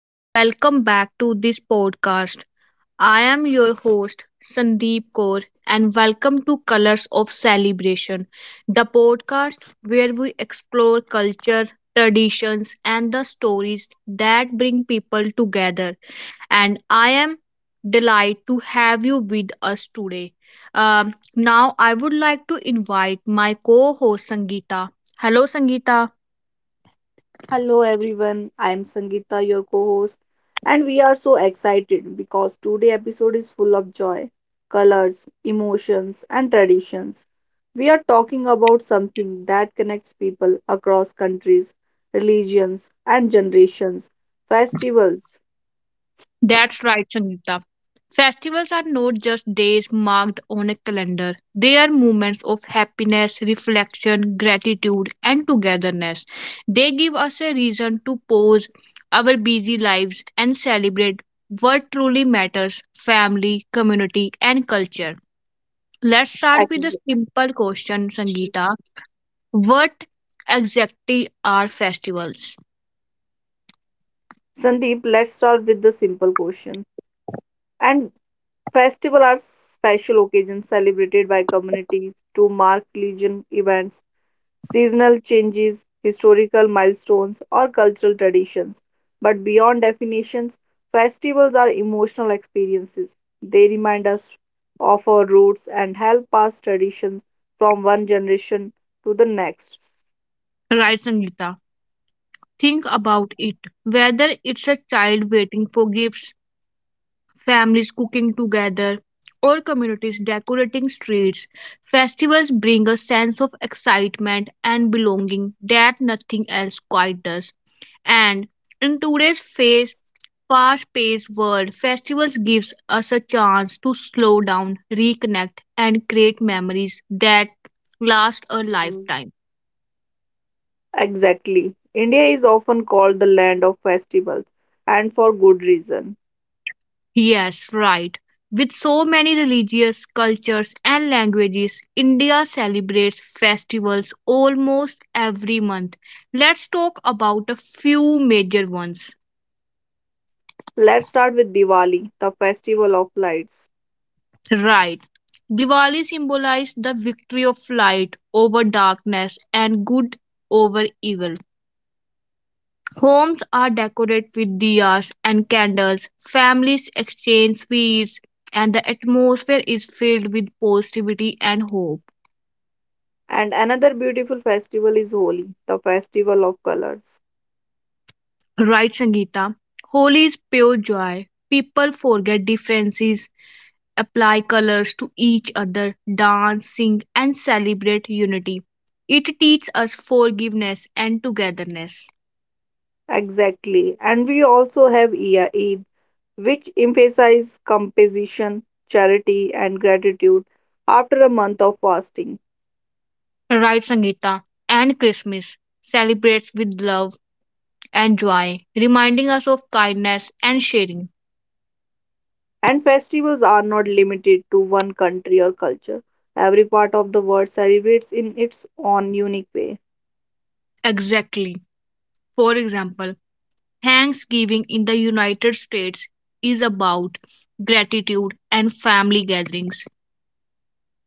and welcome back to this podcast. I am your host, Sandeep Kaur, and welcome to Colors of Celebration, the podcast where we explore culture, traditions, and the stories that bring people together. And I am delighted to have you with us today. Now, I would like to invite my co host, Sangeeta. Hello, Sangeeta. Hello everyone, I am Sangeeta, your co-host, and we are so excited because today episode is full of joy, colors, emotions, and traditions. We are talking about something that connects people across countries, religions, and generations, festivals. That's right, Sangeeta. Festivals are not just days marked on a calendar. They are moments of happiness, reflection, gratitude, and togetherness. They give us a reason to pause our busy lives and celebrate what truly matters family, community, and culture. Let's start with Ex- a simple question, Sangeeta. What exactly are festivals? Sandeep, let's start with the simple question. And festival are special occasions celebrated by communities to mark religion events seasonal changes, historical milestones, or cultural traditions. But beyond definitions, festivals are emotional experiences. They remind us of our roots and help pass traditions from one generation to the next. Right, Sangeeta. Think about it. Whether it's a child waiting for gifts, families cooking together, or communities decorating streets, festivals bring a sense of excitement and belonging that nothing else quite does. And in today's phase, fast-paced world, festivals gives us a chance to slow down, reconnect, and create memories that last a Mm. lifetime. Exactly. India is often called the land of festivals, and for good reason. Yes, right. With so many religious cultures and languages, India celebrates festivals almost every month. Let's talk about a few major ones. Let's start with Diwali, the festival of lights. Right. Diwali symbolizes the victory of light over darkness and good over evil. Homes are decorated with diyas and candles, families exchange sweets, and the atmosphere is filled with positivity and hope. And another beautiful festival is Holi, the festival of colors. Right, Sangeeta. Holi is pure joy. People forget differences, apply colors to each other, dance, sing, and celebrate unity. It teaches us forgiveness and togetherness. Exactly. And we also have Ia Eid, which emphasizes composition, charity, and gratitude after a month of fasting. Right, Sangeeta. And Christmas celebrates with love and joy, reminding us of kindness and sharing. And festivals are not limited to one country or culture. Every part of the world celebrates in its own unique way. Exactly. For example, Thanksgiving in the United States is about gratitude and family gatherings.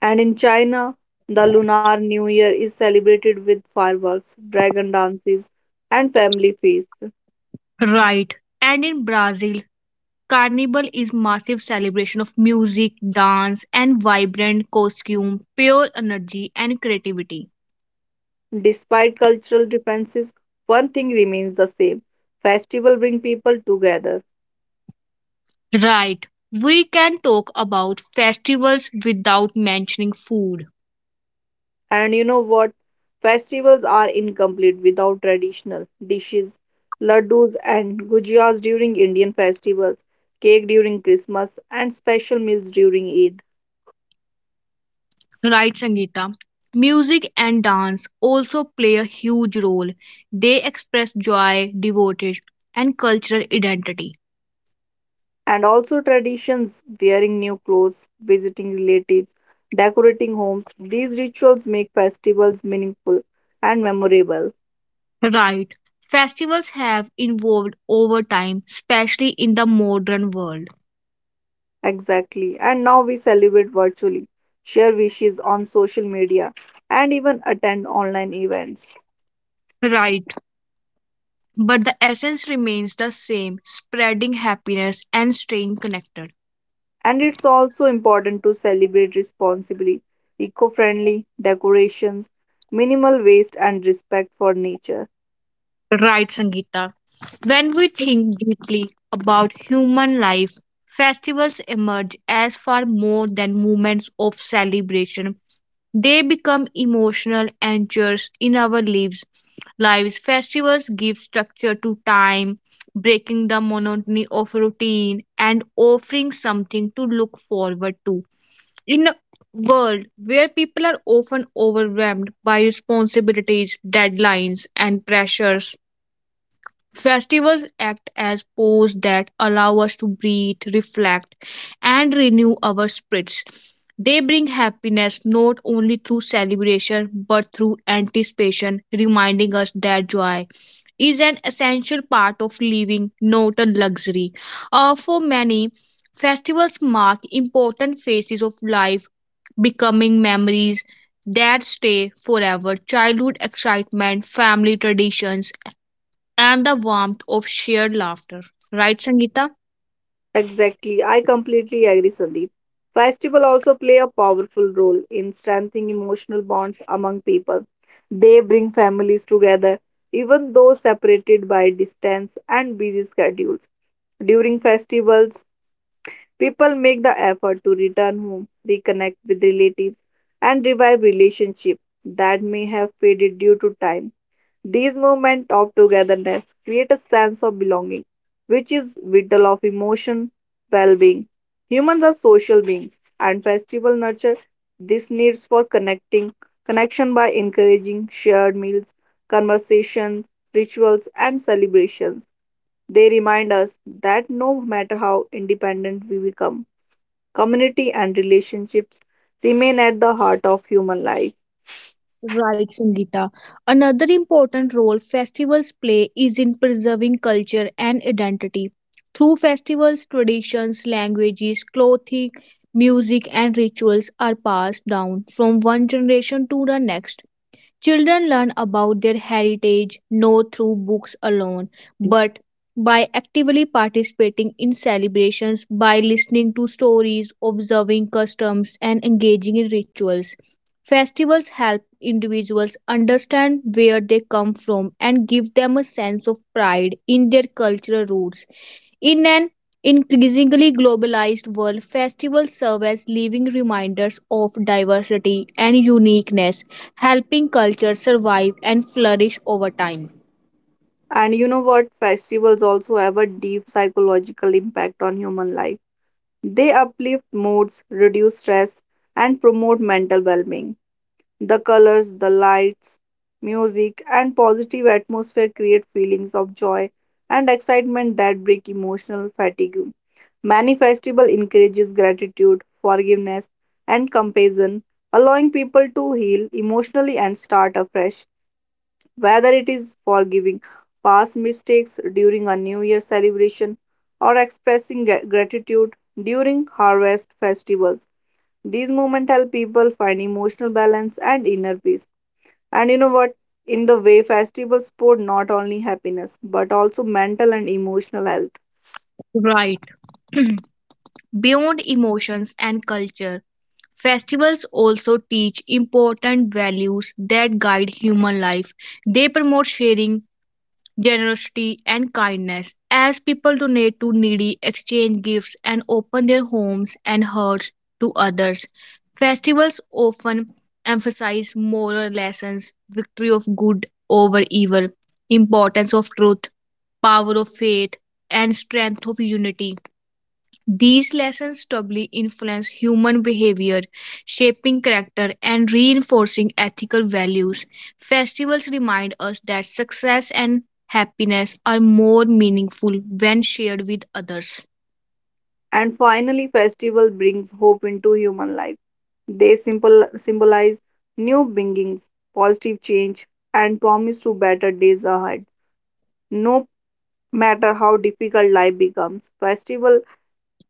And in China, the Lunar New Year is celebrated with fireworks, dragon dances, and family feasts. Right. And in Brazil, carnival is massive celebration of music, dance, and vibrant costume, pure energy and creativity. Despite cultural differences, one thing remains the same. Festival bring people together. Right. We can talk about festivals without mentioning food. And you know what? Festivals are incomplete without traditional dishes, laddus and gujiyas during Indian festivals, cake during Christmas, and special meals during Eid. Right, Sangeeta. Music and dance also play a huge role. They express joy, devotion, and cultural identity. And also traditions, wearing new clothes, visiting relatives, decorating homes. These rituals make festivals meaningful and memorable. Right. Festivals have evolved over time, especially in the modern world. Exactly. And now we celebrate virtually, share wishes on social media, and even attend online events. Right. But the essence remains the same spreading happiness and staying connected. And it's also important to celebrate responsibly, eco friendly decorations, minimal waste, and respect for nature. Right, Sangeeta. When we think deeply about human life, festivals emerge as far more than moments of celebration. They become emotional anchors in our lives. Lives festivals give structure to time, breaking the monotony of routine and offering something to look forward to. In a world where people are often overwhelmed by responsibilities, deadlines, and pressures, festivals act as pause that allow us to breathe, reflect, and renew our spirits. They bring happiness not only through celebration but through anticipation, reminding us that joy is an essential part of living, not a luxury. For many, festivals mark important phases of life, becoming memories that stay forever. Childhood excitement, family traditions, and the warmth of shared laughter. Right, Sangeeta? Exactly, I completely agree, Sandeep. Festival also play a powerful role in strengthening emotional bonds among people. They bring families together, even though separated by distance and busy schedules. During festivals, people make the effort to return home, reconnect with relatives, and revive relationships that may have faded due to time. These moments of togetherness create a sense of belonging, which is vital of emotion well-being. Humans are social beings, and festival nurture this needs for connecting connection by encouraging shared meals, conversations, rituals, and celebrations. They remind us that no matter how independent we become, community, and relationships remain at the heart of human life. Right, Sangeeta. Another important role festivals play is in preserving culture and identity. Through festivals, traditions, languages, clothing, music, and rituals are passed down from one generation to the next. Children learn about their heritage not through books alone, but by actively participating in celebrations, by listening to stories, observing customs, and engaging in rituals. Festivals help individuals understand where they come from and give them a sense of pride in their cultural roots. In an increasingly globalized world, festivals serve as living reminders of diversity and uniqueness helping culture survive and flourish over time. And you know what? Festivals also have a deep psychological impact on human life. They uplift moods, reduce stress, and promote mental well being. The colors, the lights, music, and positive atmosphere create feelings of joy and excitement that break emotional fatigue. Many festival encourages gratitude, forgiveness, and compassion, allowing people to heal emotionally and start afresh. Whether it is forgiving past mistakes during a New Year celebration or expressing gratitude during harvest festivals, these moments help people find emotional balance and inner peace. And you know what? In the way, festivals support not only happiness but also mental and emotional health. Right. Beyond emotions and culture, festivals also teach important values that guide human life. They promote sharing, generosity, and kindness. As people donate to needy, exchange gifts, and open their homes and hearts to others, festivals often emphasize moral lessons, victory of good over evil, importance of truth, power of faith, and strength of unity. These lessons doubly influence human behavior, shaping character and reinforcing ethical values. Festivals remind us that success and happiness are more meaningful when shared with others. And finally, festival brings hope into human life. They symbolize new beginnings, positive change, and promise to better days ahead. No matter how difficult life becomes, festival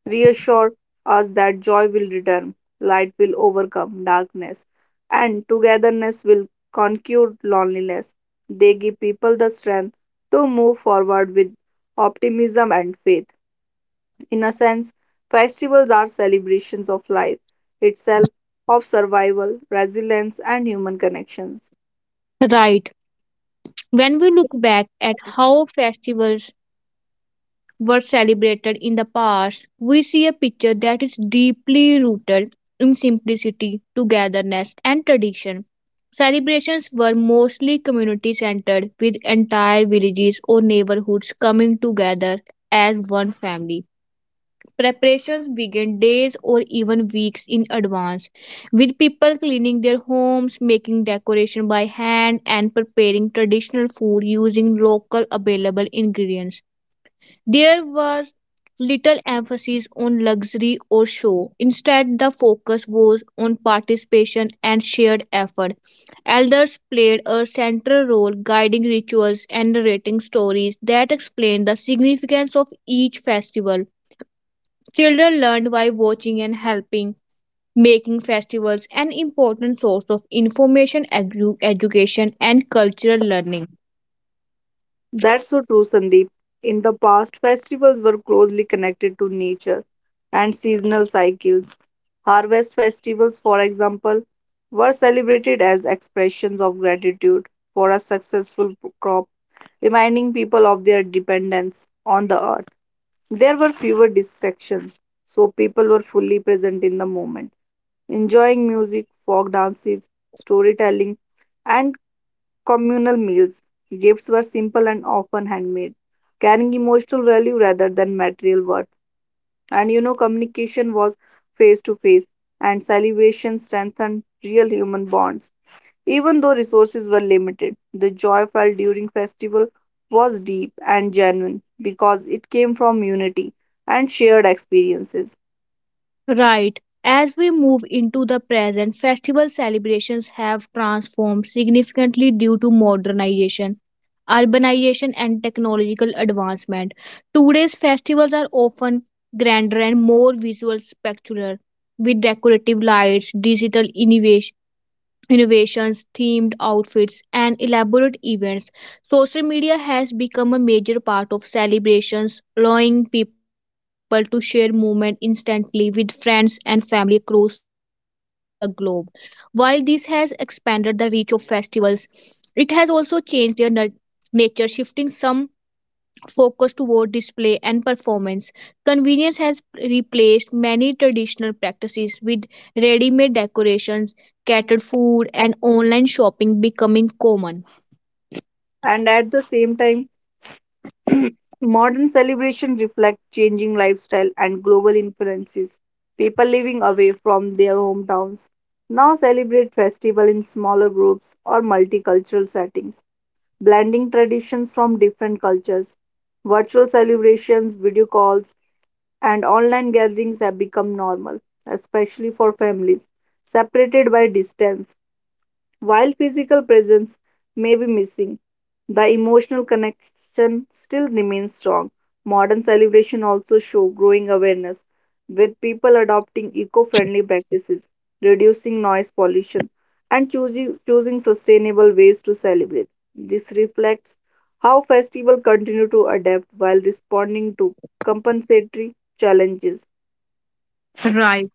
reassure us that joy will return, light will overcome darkness, and togetherness will conquer loneliness. They give people the strength to move forward with optimism and faith. In a sense, festivals are celebrations of life itself, of survival, resilience, and human connections. Right. When we look back at how festivals were celebrated in the past, we see a picture that is deeply rooted in simplicity, togetherness, and tradition. Celebrations were mostly community centered, with entire villages or neighborhoods coming together as one family. Preparations began days or even weeks in advance, with people cleaning their homes, making decoration by hand, and preparing traditional food using local available ingredients. There was little emphasis on luxury or show. Instead, the focus was on participation and shared effort. Elders played a central role guiding rituals and narrating stories that explained the significance of each festival. Children learned by watching and helping, making festivals an important source of information, education, and cultural learning. That's so true, Sandeep. In the past, festivals were closely connected to nature and seasonal cycles. Harvest festivals, for example, were celebrated as expressions of gratitude for a successful crop, reminding people of their dependence on the earth. There were fewer distractions, so people were fully present in the moment, enjoying music, folk dances, storytelling, and communal meals. Gifts were simple and often handmade, carrying emotional value rather than material worth. And you know, communication was face to face, and celebration strengthened real human bonds. Even though resources were limited, the joy felt during festival was deep and genuine because it came from unity and shared experiences. Right. As we move into the present, festival celebrations have transformed significantly due to modernization, urbanization, and technological advancement. Today's festivals are often grander and more visual spectacular, with decorative lights, digital innovations, themed outfits, and elaborate events. Social media has become a major part of celebrations, allowing people to share moments instantly with friends and family across the globe. While this has expanded the reach of festivals, it has also changed their nature, shifting some focus toward display and performance. Convenience has replaced many traditional practices with ready made decorations, catered food, and online shopping becoming common. And at the same time, modern celebrations reflect changing lifestyle and global influences. People living away from their hometowns now celebrate festival in smaller groups or multicultural settings, blending traditions from different cultures. Virtual celebrations, video calls, and online gatherings have become normal, especially for families separated by distance. While physical presence may be missing, the emotional connection still remains strong. Modern celebration also show growing awareness with people adopting eco-friendly practices, reducing noise pollution, and choosing sustainable ways to celebrate. This reflects how festivals continue to adapt while responding to compensatory challenges. Right.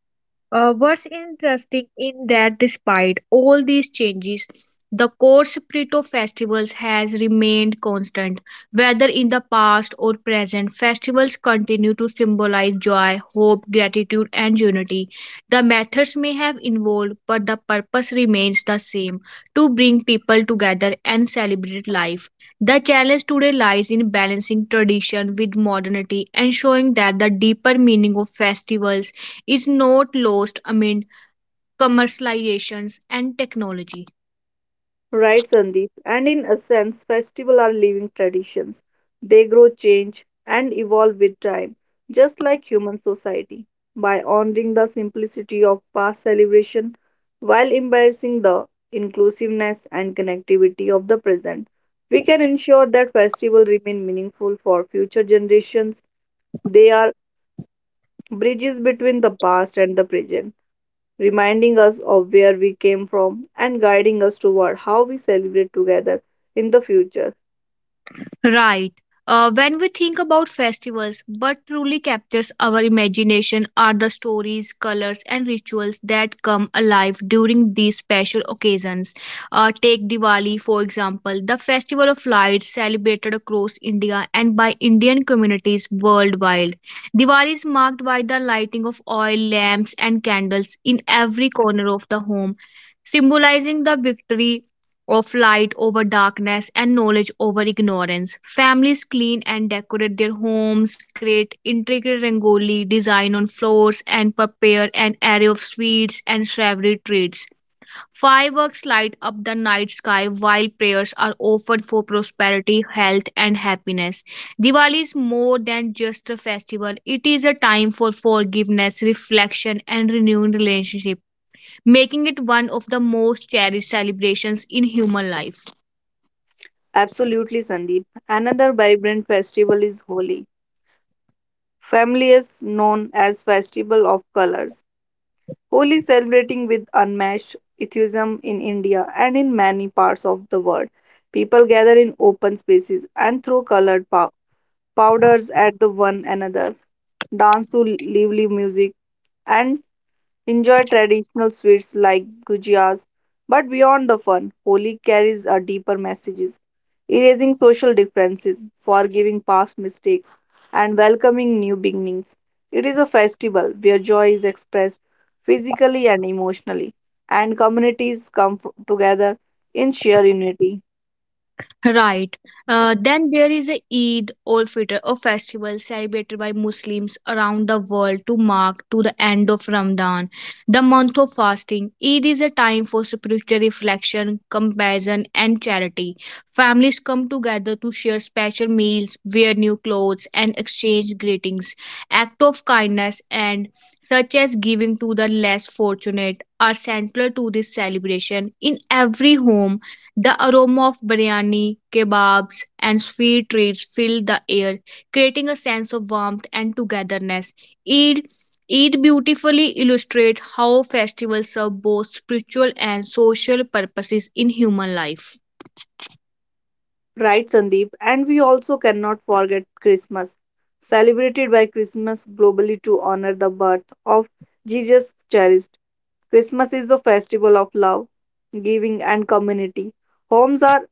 What's interesting in that despite all these changes, the core spirit of festivals has remained constant. Whether in the past or present, festivals continue to symbolize joy, hope, gratitude, and unity. The methods may have evolved, but the purpose remains the same to bring people together and celebrate life. The challenge today lies in balancing tradition with modernity, ensuring that the deeper meaning of festivals is not lost amid commercializations and technology. Right, Sandeep. And in a sense, festivals are living traditions. They grow, change, and evolve with time, just like human society. By honoring the simplicity of past celebration while embracing the inclusiveness and connectivity of the present, we can ensure that festivals remain meaningful for future generations. They are bridges between the past and the present reminding us of where we came from and guiding us toward how we celebrate together in the future. Right. When we think about festivals, what truly captures our imagination are the stories, colors, and rituals that come alive during these special occasions. Take Diwali, for example. The festival of lights celebrated across India and by Indian communities worldwide. Diwali is marked by the lighting of oil, lamps, and candles in every corner of the home, symbolizing the victory of light over darkness and knowledge over ignorance. Families clean and decorate their homes, create intricate rangoli design on floors, and prepare an array of sweets and savory treats. Fireworks light up the night sky while prayers are offered for prosperity, health, and happiness. Diwali is more than just a festival, it is a time for forgiveness, reflection, and renewed relationship making it one of the most cherished celebrations in human life. Absolutely, Sandeep. Another vibrant festival is Holi, Family is known as Festival of Colors. Holi celebrating with unmatched enthusiasm in India and in many parts of the world. People gather in open spaces and throw colored powders at the one another, dance to lively music, and enjoy traditional sweets like gujiyas, but beyond the fun, Holi carries a deeper messages, erasing social differences, forgiving past mistakes, and welcoming new beginnings. It is a festival where joy is expressed physically and emotionally, and communities come together in sheer unity. Right. Then there is a Eid or Fitr, a festival celebrated by Muslims around the world to mark to the end of Ramadan, the month of fasting. Eid is a time for spiritual reflection, compassion, and charity. Families come together to share special meals, wear new clothes, and exchange greetings. Acts of kindness and such as giving to the less fortunate are central to this celebration. In every home the aroma of biryani, kebabs, and sweet treats filled the air, creating a sense of warmth and togetherness. Eid, Eid beautifully illustrates how festivals serve both spiritual and social purposes in human life. Right, Sandeep. And we also cannot forget Christmas, celebrated by Christmas globally to honor the birth of Jesus Christ. Christmas is a festival of love, giving, and community. Homes are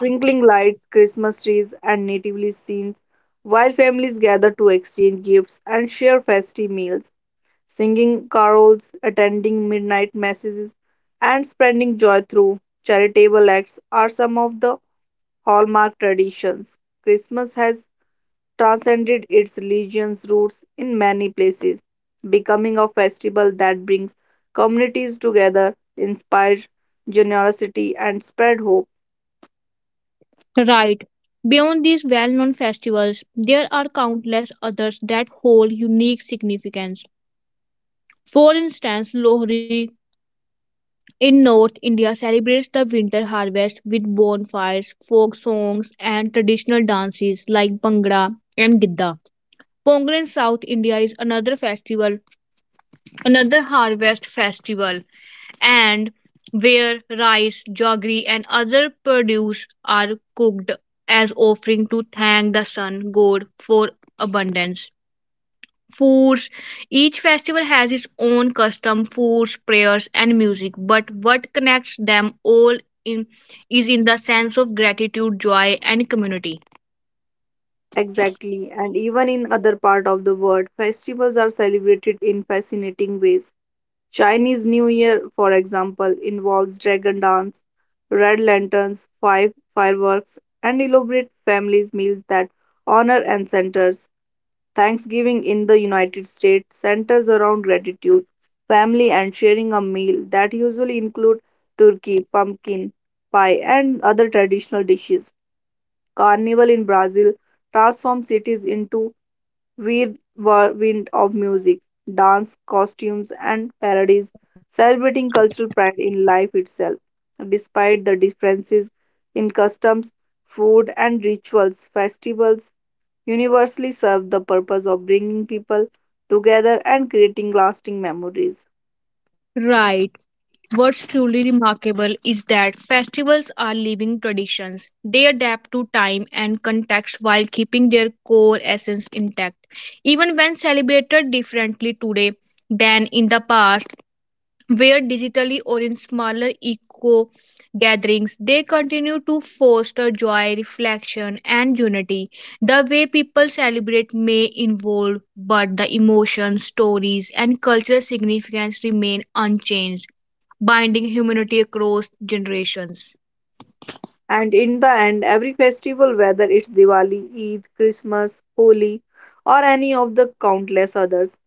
twinkling lights, Christmas trees, and natively scenes, while families gather to exchange gifts and share festive meals, singing carols, attending midnight masses, and spreading joy through charitable acts are some of the hallmark traditions. Christmas has transcended its religion's roots in many places, becoming a festival that brings communities together, inspires generosity, and spread hope. Right. Beyond these well known festivals, there are countless others that hold unique significance. For instance, Lohri, in North India celebrates the winter harvest with bonfires, folk songs and traditional dances like Bhangra and Gidda. Pongal in South India is another harvest festival and where rice, jaggery and other produce are cooked as offering to thank the sun god for abundance foods. Each festival has its own custom foods, prayers, and music, but what connects them all in is in the sense of gratitude, joy, and community. Exactly, and even in other part of the world, festivals are celebrated in fascinating ways. Chinese New Year, for example, involves dragon dance, red lanterns, five fireworks, and elaborate families meals that honor ancestors. Thanksgiving in the United States centers around gratitude, family, and sharing a meal that usually include turkey, pumpkin pie, and other traditional dishes. Carnival in Brazil transforms cities into whirlwind of music, dance, costumes, and parodies, celebrating cultural pride in life itself. Despite the differences in customs, food, and rituals, festivals universally serve the purpose of bringing people together and creating lasting memories. Right. What's truly remarkable is that festivals are living traditions. They adapt to time and context while keeping their core essence intact. Even when celebrated differently today than in the past, where digitally or in smaller eco gatherings they continue to foster joy reflection and unity the way people celebrate may evolve but the emotions stories and cultural significance remain unchanged binding humanity across generations. And in the end, every festival, whether it's Diwali, Eid, Christmas, Holi, or any of the countless others,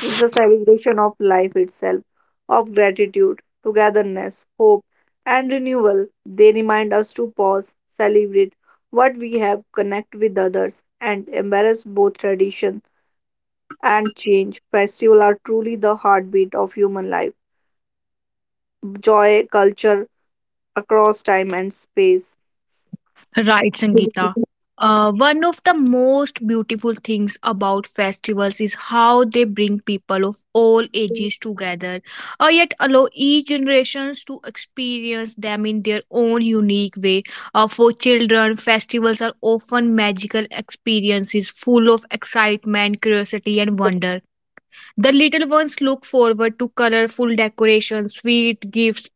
is a celebration of life itself, of gratitude, togetherness, hope, and renewal. They remind us to pause, celebrate what we have, connect with others, and embrace both tradition and change. Festivals are truly the heartbeat of human life. Joy culture across time and space. Right, Sangeeta. One of the most beautiful things about festivals is how they bring people of all ages together, yet allow each generations to experience them in their own unique way. For children, festivals are often magical experiences full of excitement, curiosity, and wonder. The little ones look forward to colorful decorations, sweet gifts,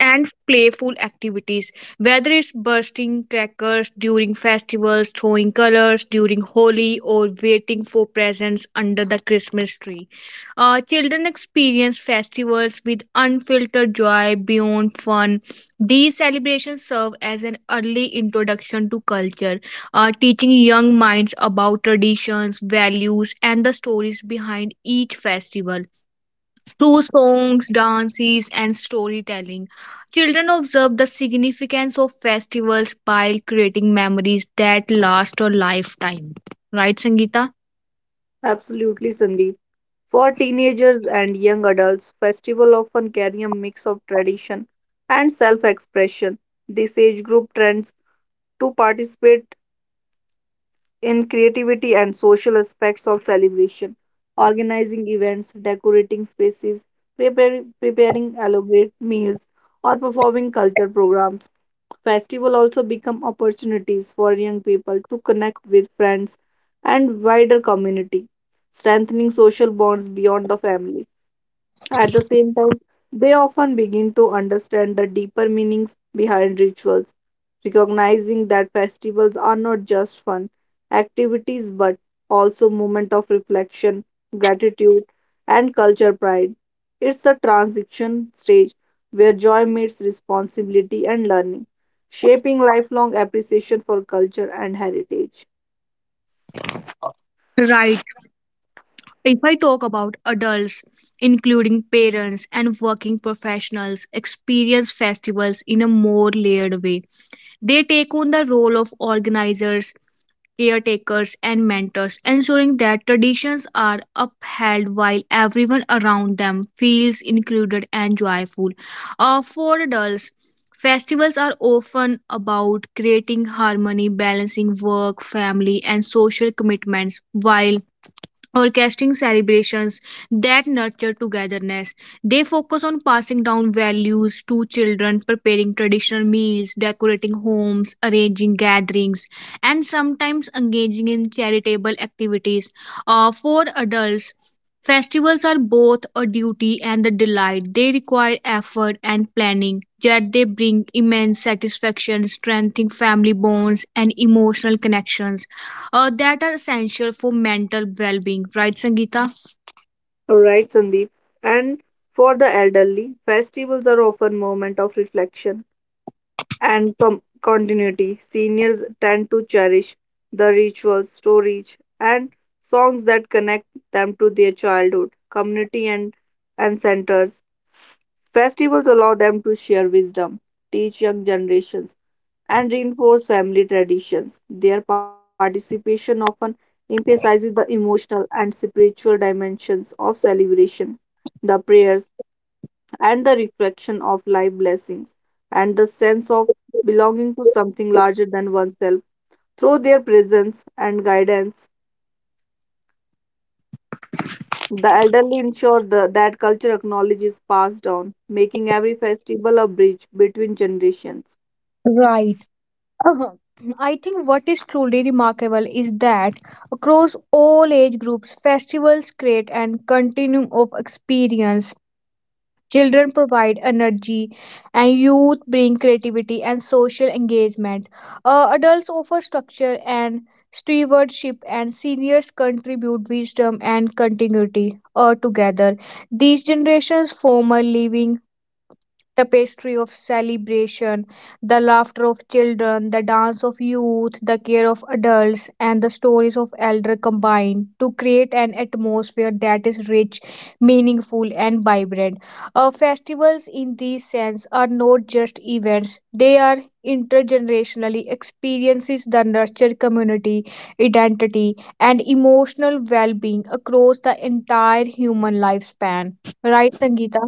and playful activities whether it's bursting crackers during festivals throwing colors during holi or waiting for presents under the christmas tree children experience festivals with unfiltered joy beyond fun these celebrations serve as an early introduction to culture teaching young minds about traditions values and the stories behind each festival through songs, dances, and storytelling. Children observe the significance of festivals while creating memories that last a lifetime. Right, Sangeeta? Absolutely, Sandeep. For teenagers and young adults, festivals often carry a mix of tradition and self-expression. This age group trends to participate in creativity and social aspects of celebration, organizing events, decorating spaces, preparing elaborate meals, or performing culture programs. Festival also become opportunities for young people to connect with friends and wider community, strengthening social bonds beyond the family. At the same time, they often begin to understand the deeper meanings behind rituals, recognizing that festivals are not just fun activities but also moments of reflection, gratitude, and culture pride. It's a transition stage where joy meets responsibility and learning, shaping lifelong appreciation for culture and heritage. Right. If I talk about adults, including parents and working professionals, experience festivals in a more layered way. They take on the role of organizers, caretakers, and mentors, ensuring that traditions are upheld while everyone around them feels included and joyful. For adults, festivals are often about creating harmony, balancing work, family, and social commitments while orchestrating celebrations that nurture togetherness. They focus on passing down values to children, preparing traditional meals, decorating homes, arranging gatherings, and sometimes engaging in charitable activities. For adults, festivals are both a duty and a delight. They require effort and planning, yet they bring immense satisfaction, strengthening family bonds and emotional connections that are essential for mental well-being, right, sangeeta? All right, Sandeep. And for the elderly, festivals are often moments of reflection and continuity. Seniors tend to cherish the rituals, stories, and songs that connect them to their childhood, community, and centers. Festivals allow them to share wisdom, teach young generations, and reinforce family traditions. Their participation often emphasizes the emotional and spiritual dimensions of celebration. The prayers, and the reflection of life blessings and the sense of belonging to something larger than oneself. Through their presence and guidance, the elderly ensure that culture acknowledges passed down, making every festival a bridge between generations. Right. Uh-huh. I think what is truly remarkable is that across all age groups, festivals create an continuum of experience. Children provide energy, and youth bring creativity and social engagement. Adults offer structure and stewardship, and seniors contribute wisdom and continuity, together. These generations form a living tapestry of celebration, the laughter of children, the dance of youth, the care of adults, and the stories of elder combine to create an atmosphere that is rich, meaningful, and vibrant. Festivals, in this sense, are not just events, they are intergenerationally experiences that nurture community identity and emotional well-being across the entire human lifespan, right, sangeeta?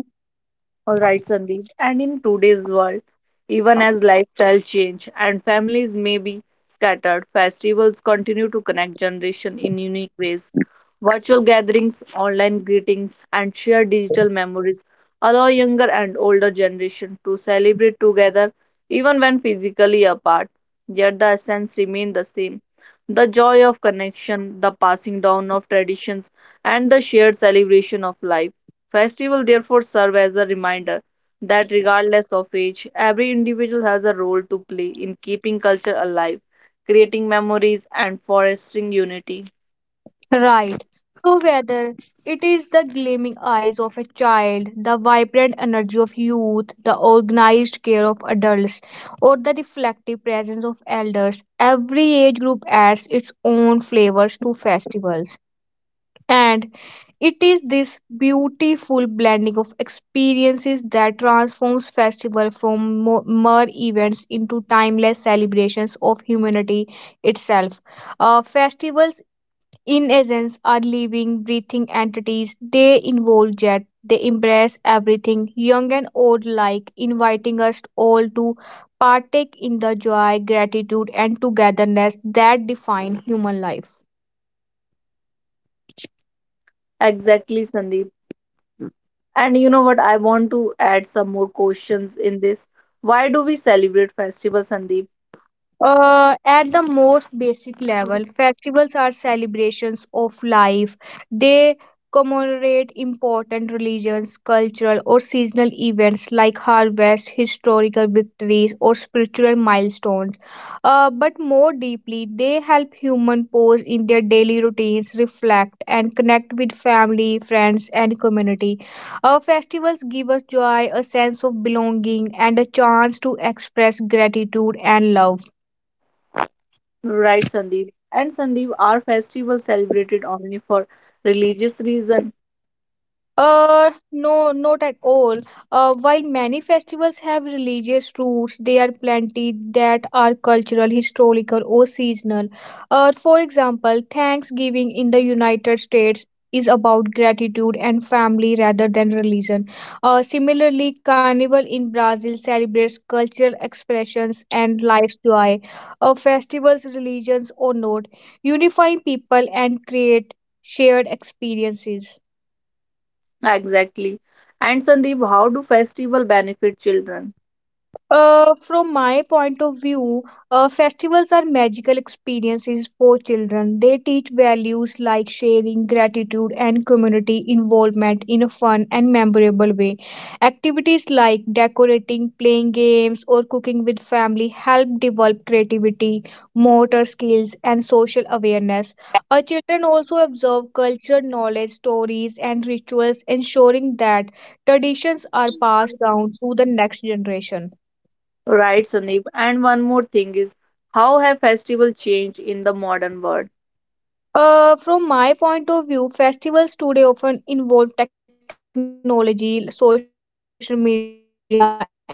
All right, Sandeep. And in today's world, even as lifestyle change and families may be scattered, festivals continue to connect generation in unique ways. Virtual gatherings, online greetings, and shared digital memories allow younger and older generation to celebrate together even when physically apart. Yet the essence remain the same. The joy of connection, the passing down of traditions, and the shared celebration of life. Festival therefore serve as a reminder that regardless of age, every individual has a role to play in keeping culture alive, creating memories and fostering unity. Right. So, whether it is the gleaming eyes of a child, the vibrant energy of youth, the organized care of adults, or the reflective presence of elders, every age group adds its own flavors to festivals. And it is this beautiful blending of experiences that transforms festival from mere events into timeless celebrations of humanity itself. Festivals in essence, are living, breathing entities. They involve yet they embrace everything, young and old alike, inviting us all to partake in the joy, gratitude, and togetherness that define human life. Exactly, Sandeep. And you know what? I want to add some more questions in this. Why do we celebrate festivals, Sandeep? At the most basic level, festivals are celebrations of life. They commemorate important religious, cultural, or seasonal events like harvest, historical victories, or spiritual milestones. But more deeply, they help humans pause in their daily routines, reflect, and connect with family, friends, and community. Our festivals give us joy, a sense of belonging, and a chance to express gratitude and love. Right, Sandeep. And Sandeep, are festivals celebrated only for religious reason? No, not at all. While many festivals have religious roots, there are plenty that are cultural, historical, or seasonal. For example, Thanksgiving in the United States is about gratitude and family rather than religion. Similarly, Carnival in Brazil celebrates cultural expressions and life's joy. Festivals, religions, or not, unifying people and create shared experiences. Exactly. And Sandeep, how do festival benefit children? From my point of view, festivals are magical experiences for children. They teach values like sharing, gratitude, and community involvement in a fun and memorable way. Activities like decorating, playing games, or cooking with family help develop creativity, motor skills, and social awareness. Our children also absorb cultural knowledge, stories, and rituals, ensuring that traditions are passed down to the next generation. Right, Sandeep. And one more thing is, how have festivals changed in the modern world? From my point of view, festivals today often involve technology, social media, and convenience.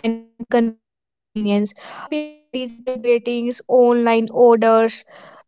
People send digital greetings, online orders,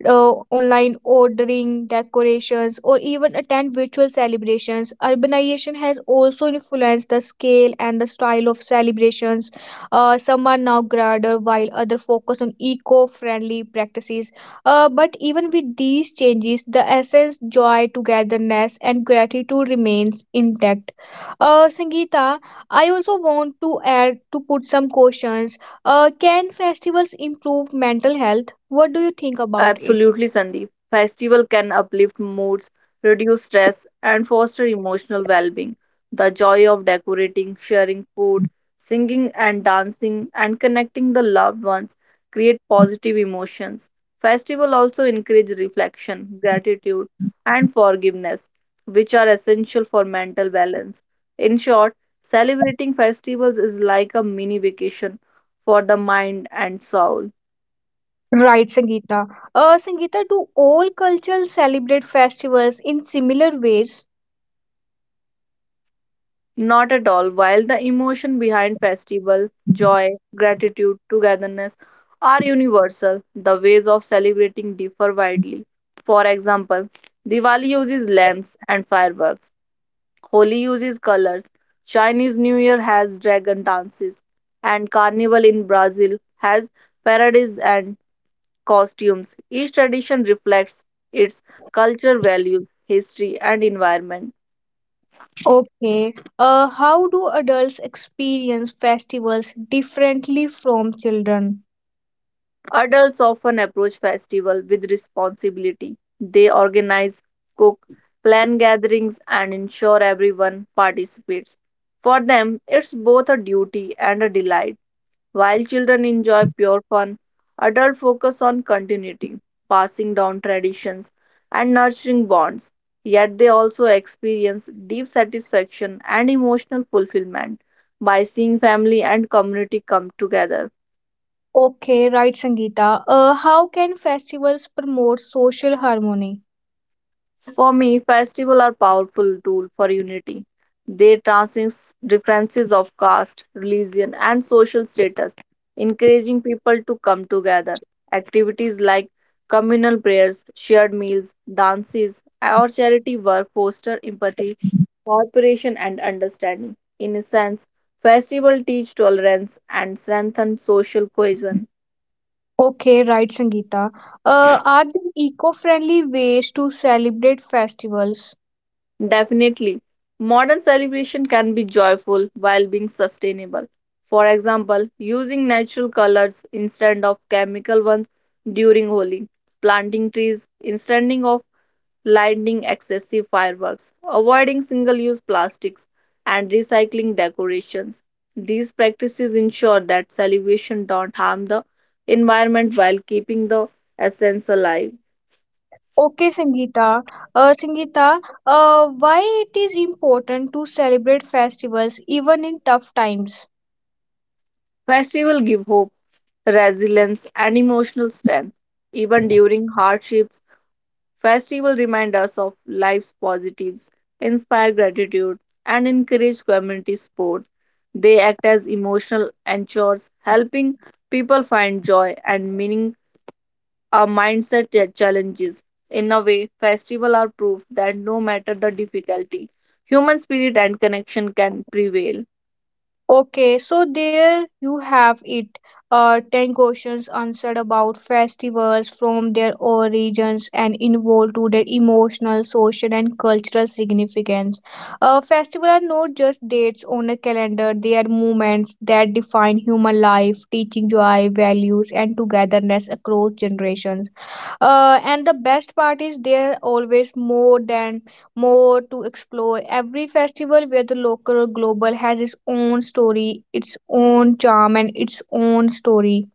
online ordering, decorations, or even attend virtual celebrations. Urbanization has also influenced the scale and the style of celebrations. Some are now grander, while others focus on eco friendly practices but even with these changes, the essence, joy, togetherness, and gratitude remains intact. Sangeeta, I also want to add to put some questions. Can festivals improve mental health? What do you think about it? Absolutely, Sandeep. Festival can uplift moods, reduce stress, and foster emotional well-being. The joy of decorating, sharing food, singing and dancing, and connecting the loved ones create positive emotions. Festival also encourage reflection, gratitude, and forgiveness, which are essential for mental balance. In short, celebrating festivals is like a mini vacation for the mind and soul. Right, Sangeeta. Sangeeta, do all cultures celebrate festivals in similar ways? Not at all. While the emotion behind festival, joy, gratitude, togetherness are universal, the ways of celebrating differ widely. For example, Diwali uses lamps and fireworks. Holi uses colors. Chinese New Year has dragon dances, and Carnival in Brazil has parades and costumes. Each tradition reflects its cultural values, history, and environment. Okay. How do adults experience festivals differently from children? Adults often approach festival with responsibility. They organize, cook, plan gatherings, and ensure everyone participates. For them, it's both a duty and a delight. While children enjoy pure fun, adults focus on continuity, passing down traditions, and nurturing bonds. Yet they also experience deep satisfaction and emotional fulfillment by seeing family and community come together. Okay, right, Sangeeta. How can festivals promote social harmony? For me, festivals are powerful tool for unity. They transcend differences of caste, religion, and social status, encouraging people to come together. Activities like communal prayers, shared meals, dances, or charity work foster empathy, cooperation, and understanding. In a sense, festivals teach tolerance and strengthen social cohesion. Okay, right, Sangeeta. Are there eco-friendly ways to celebrate festivals? Definitely. Modern celebration can be joyful while being sustainable. For example, using natural colors instead of chemical ones during Holi, planting trees instead of lighting excessive fireworks, avoiding single use plastics, and recycling decorations. These practices ensure that celebration don't harm the environment while keeping the essence alive. Okay, Sangeeta. Sangeeta, why it is important to celebrate festivals even in tough times? Festival give hope, resilience, and emotional strength. Even during hardships, festival remind us of life's positives, inspire gratitude, and encourage community support. They act as emotional anchors, helping people find joy and meaning our mindset challenges. In a way, festivals are proof that no matter the difficulty, human spirit and connection can prevail. Okay, so there you have it. 10 questions answered about festivals from their origins and involved to their emotional, social, and cultural significance. Festivals are not just dates on a calendar, they are moments that define human life, teaching joy, values, and togetherness across generations, and the best part is there always more than more to explore every festival where the local or global has its own story, its own charm, and its own story,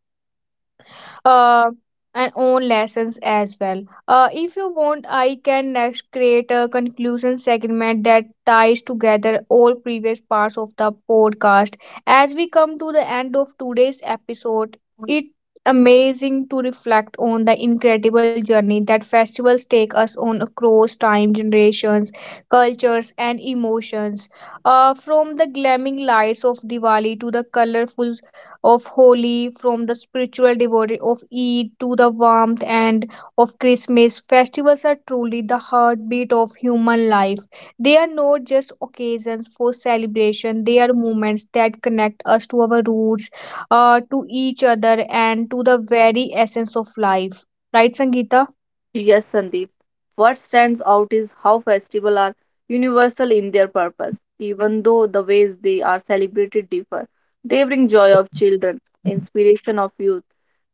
uh, and own lessons as well. If you want, I can next create a conclusion segment that ties together all previous parts of the podcast. As we come to the end of today's episode, it amazing to reflect on the incredible journey that festivals take us on across time, generations, cultures, and emotions, from the glamming lights of diwali to the colorful of Holi, from the spiritual devotee of Eid to the warmth and of Christmas, festivals are truly the heartbeat of human life. They are not just occasions for celebration, they are moments that connect us to our roots, to each other, and to the very essence of life. Right, Sangeeta? Yes, Sandeep. What stands out is how festivals are universal in their purpose, even though the ways they are celebrated differ. They bring joy of children, inspiration of youth,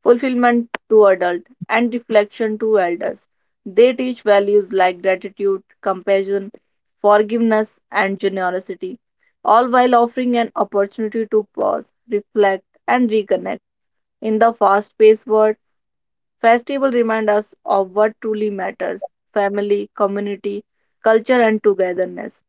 fulfillment to adult, and reflection to elders. They teach values like gratitude, compassion, forgiveness, and generosity, all while offering an opportunity to pause, reflect, and reconnect. In the fast-paced world, festivals remind us of what truly matters: family, community, culture, and togetherness.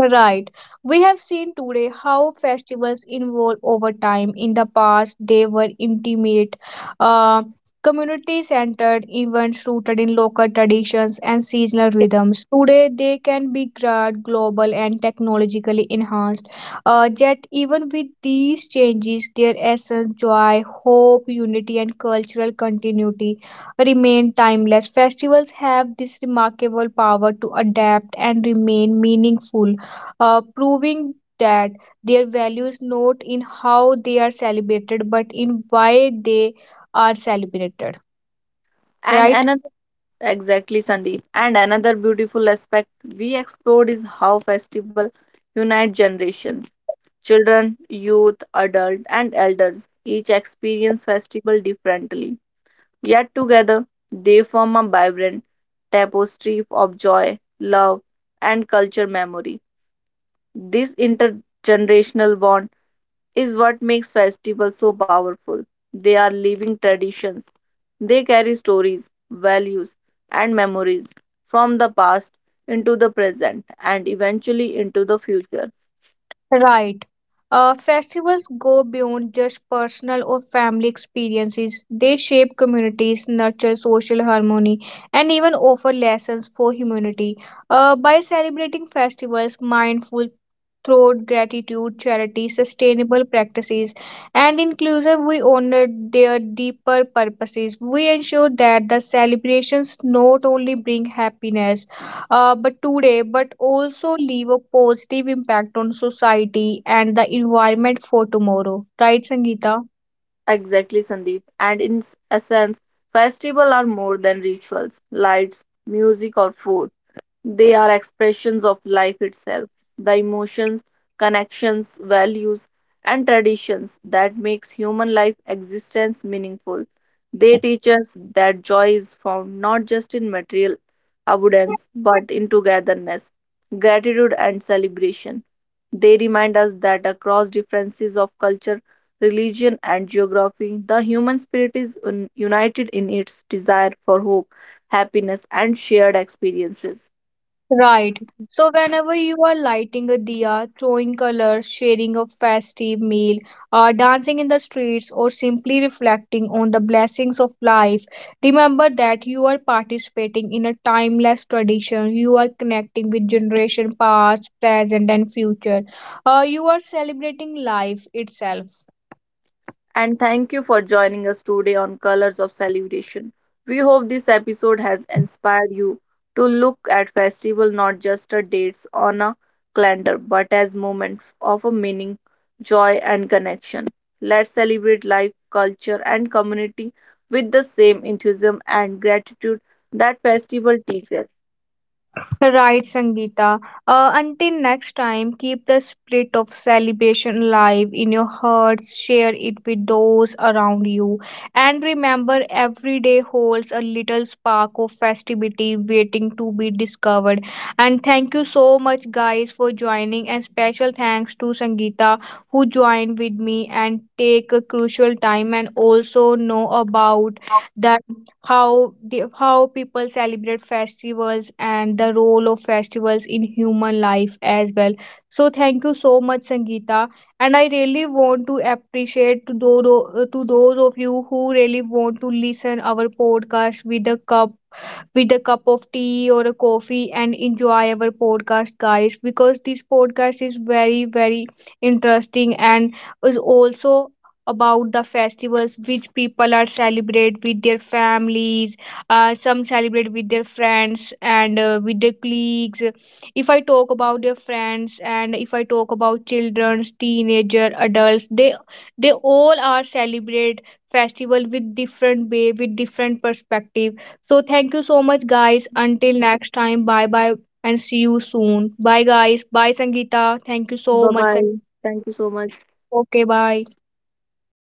Right. We have seen today how festivals evolve over time. In the past, they were intimate, uh, community centered events rooted in local traditions and seasonal rhythms. Today, they can be grand, global, and technologically enhanced. Yet, even with these changes, their essence, joy, hope, unity, and cultural continuity remain timeless. Festivals have this remarkable power to adapt and remain meaningful, proving that their values not in how they are celebrated but in why they are celebrated, And right. another, exactly, Sandeep. And another beautiful aspect we explored is how festival unite generations. Children, youth, adult, and elders each experience festival differently. Yet together, they form a vibrant tapestry of joy, love, and culture memory. This intergenerational bond is what makes festivals so powerful. They are living traditions. They carry stories, values, and memories from the past into the present and eventually into the future. right Festivals go beyond just personal or family experiences. They shape communities, nurture social harmony, and even offer lessons for humanity. By celebrating festivals, mindful through gratitude, charity, sustainable practices, and inclusion, we honor their deeper purposes. We ensure that the celebrations not only bring happiness, but today, but also leave a positive impact on society and the environment for tomorrow. Right, Sangeeta? Exactly, Sandeep. And in essence, festivals are more than rituals, lights, music, or food. They are expressions of life itself, the emotions, connections, values, and traditions that makes human life existence meaningful. They teach us that joy is found not just in material abundance but in togetherness, gratitude, and celebration. They remind us that across differences of culture, religion, and geography, the human spirit is united in its desire for hope, happiness, and shared experiences. Right. So, whenever you are lighting a diya, throwing colors, sharing a festive meal, dancing in the streets, or simply reflecting on the blessings of life, remember that you are participating in a timeless tradition. You are connecting with generation past, present, and future. You are celebrating life itself. And thank you for joining us today on Colors of Celebration. We hope this episode has inspired you to look at festival not just as dates on a calendar but as moments of a meaning, joy, and connection. Let's celebrate life, culture, and community with the same enthusiasm and gratitude that festival teaches. Right, Sangeeta. Until next time, keep the spirit of celebration alive in your hearts, share it with those around you, and remember every day holds a little spark of festivity waiting to be discovered. And thank you so much, guys, for joining, and special thanks to Sangeeta who joined with me and take a crucial time and also know about the the, how people celebrate festivals and the role of festivals in human life as well, so thank you so much, sangeeta, and I really want to appreciate to those of you who really want to listen our podcast with a cup of tea or a coffee and enjoy our podcast, guys, because this podcast is very, very interesting and is also about the festivals which people are celebrate with their families, some celebrate with their friends and with their colleagues, if I talk about their friends and if I talk about children's teenager adults, they all are celebrate festival with different way with different perspective, so thank you so much, guys. Until next time, bye bye and see you soon. Bye, guys. Bye, Sangeeta. Thank you so Bye much. Bye. Thank you so much. Okay, bye.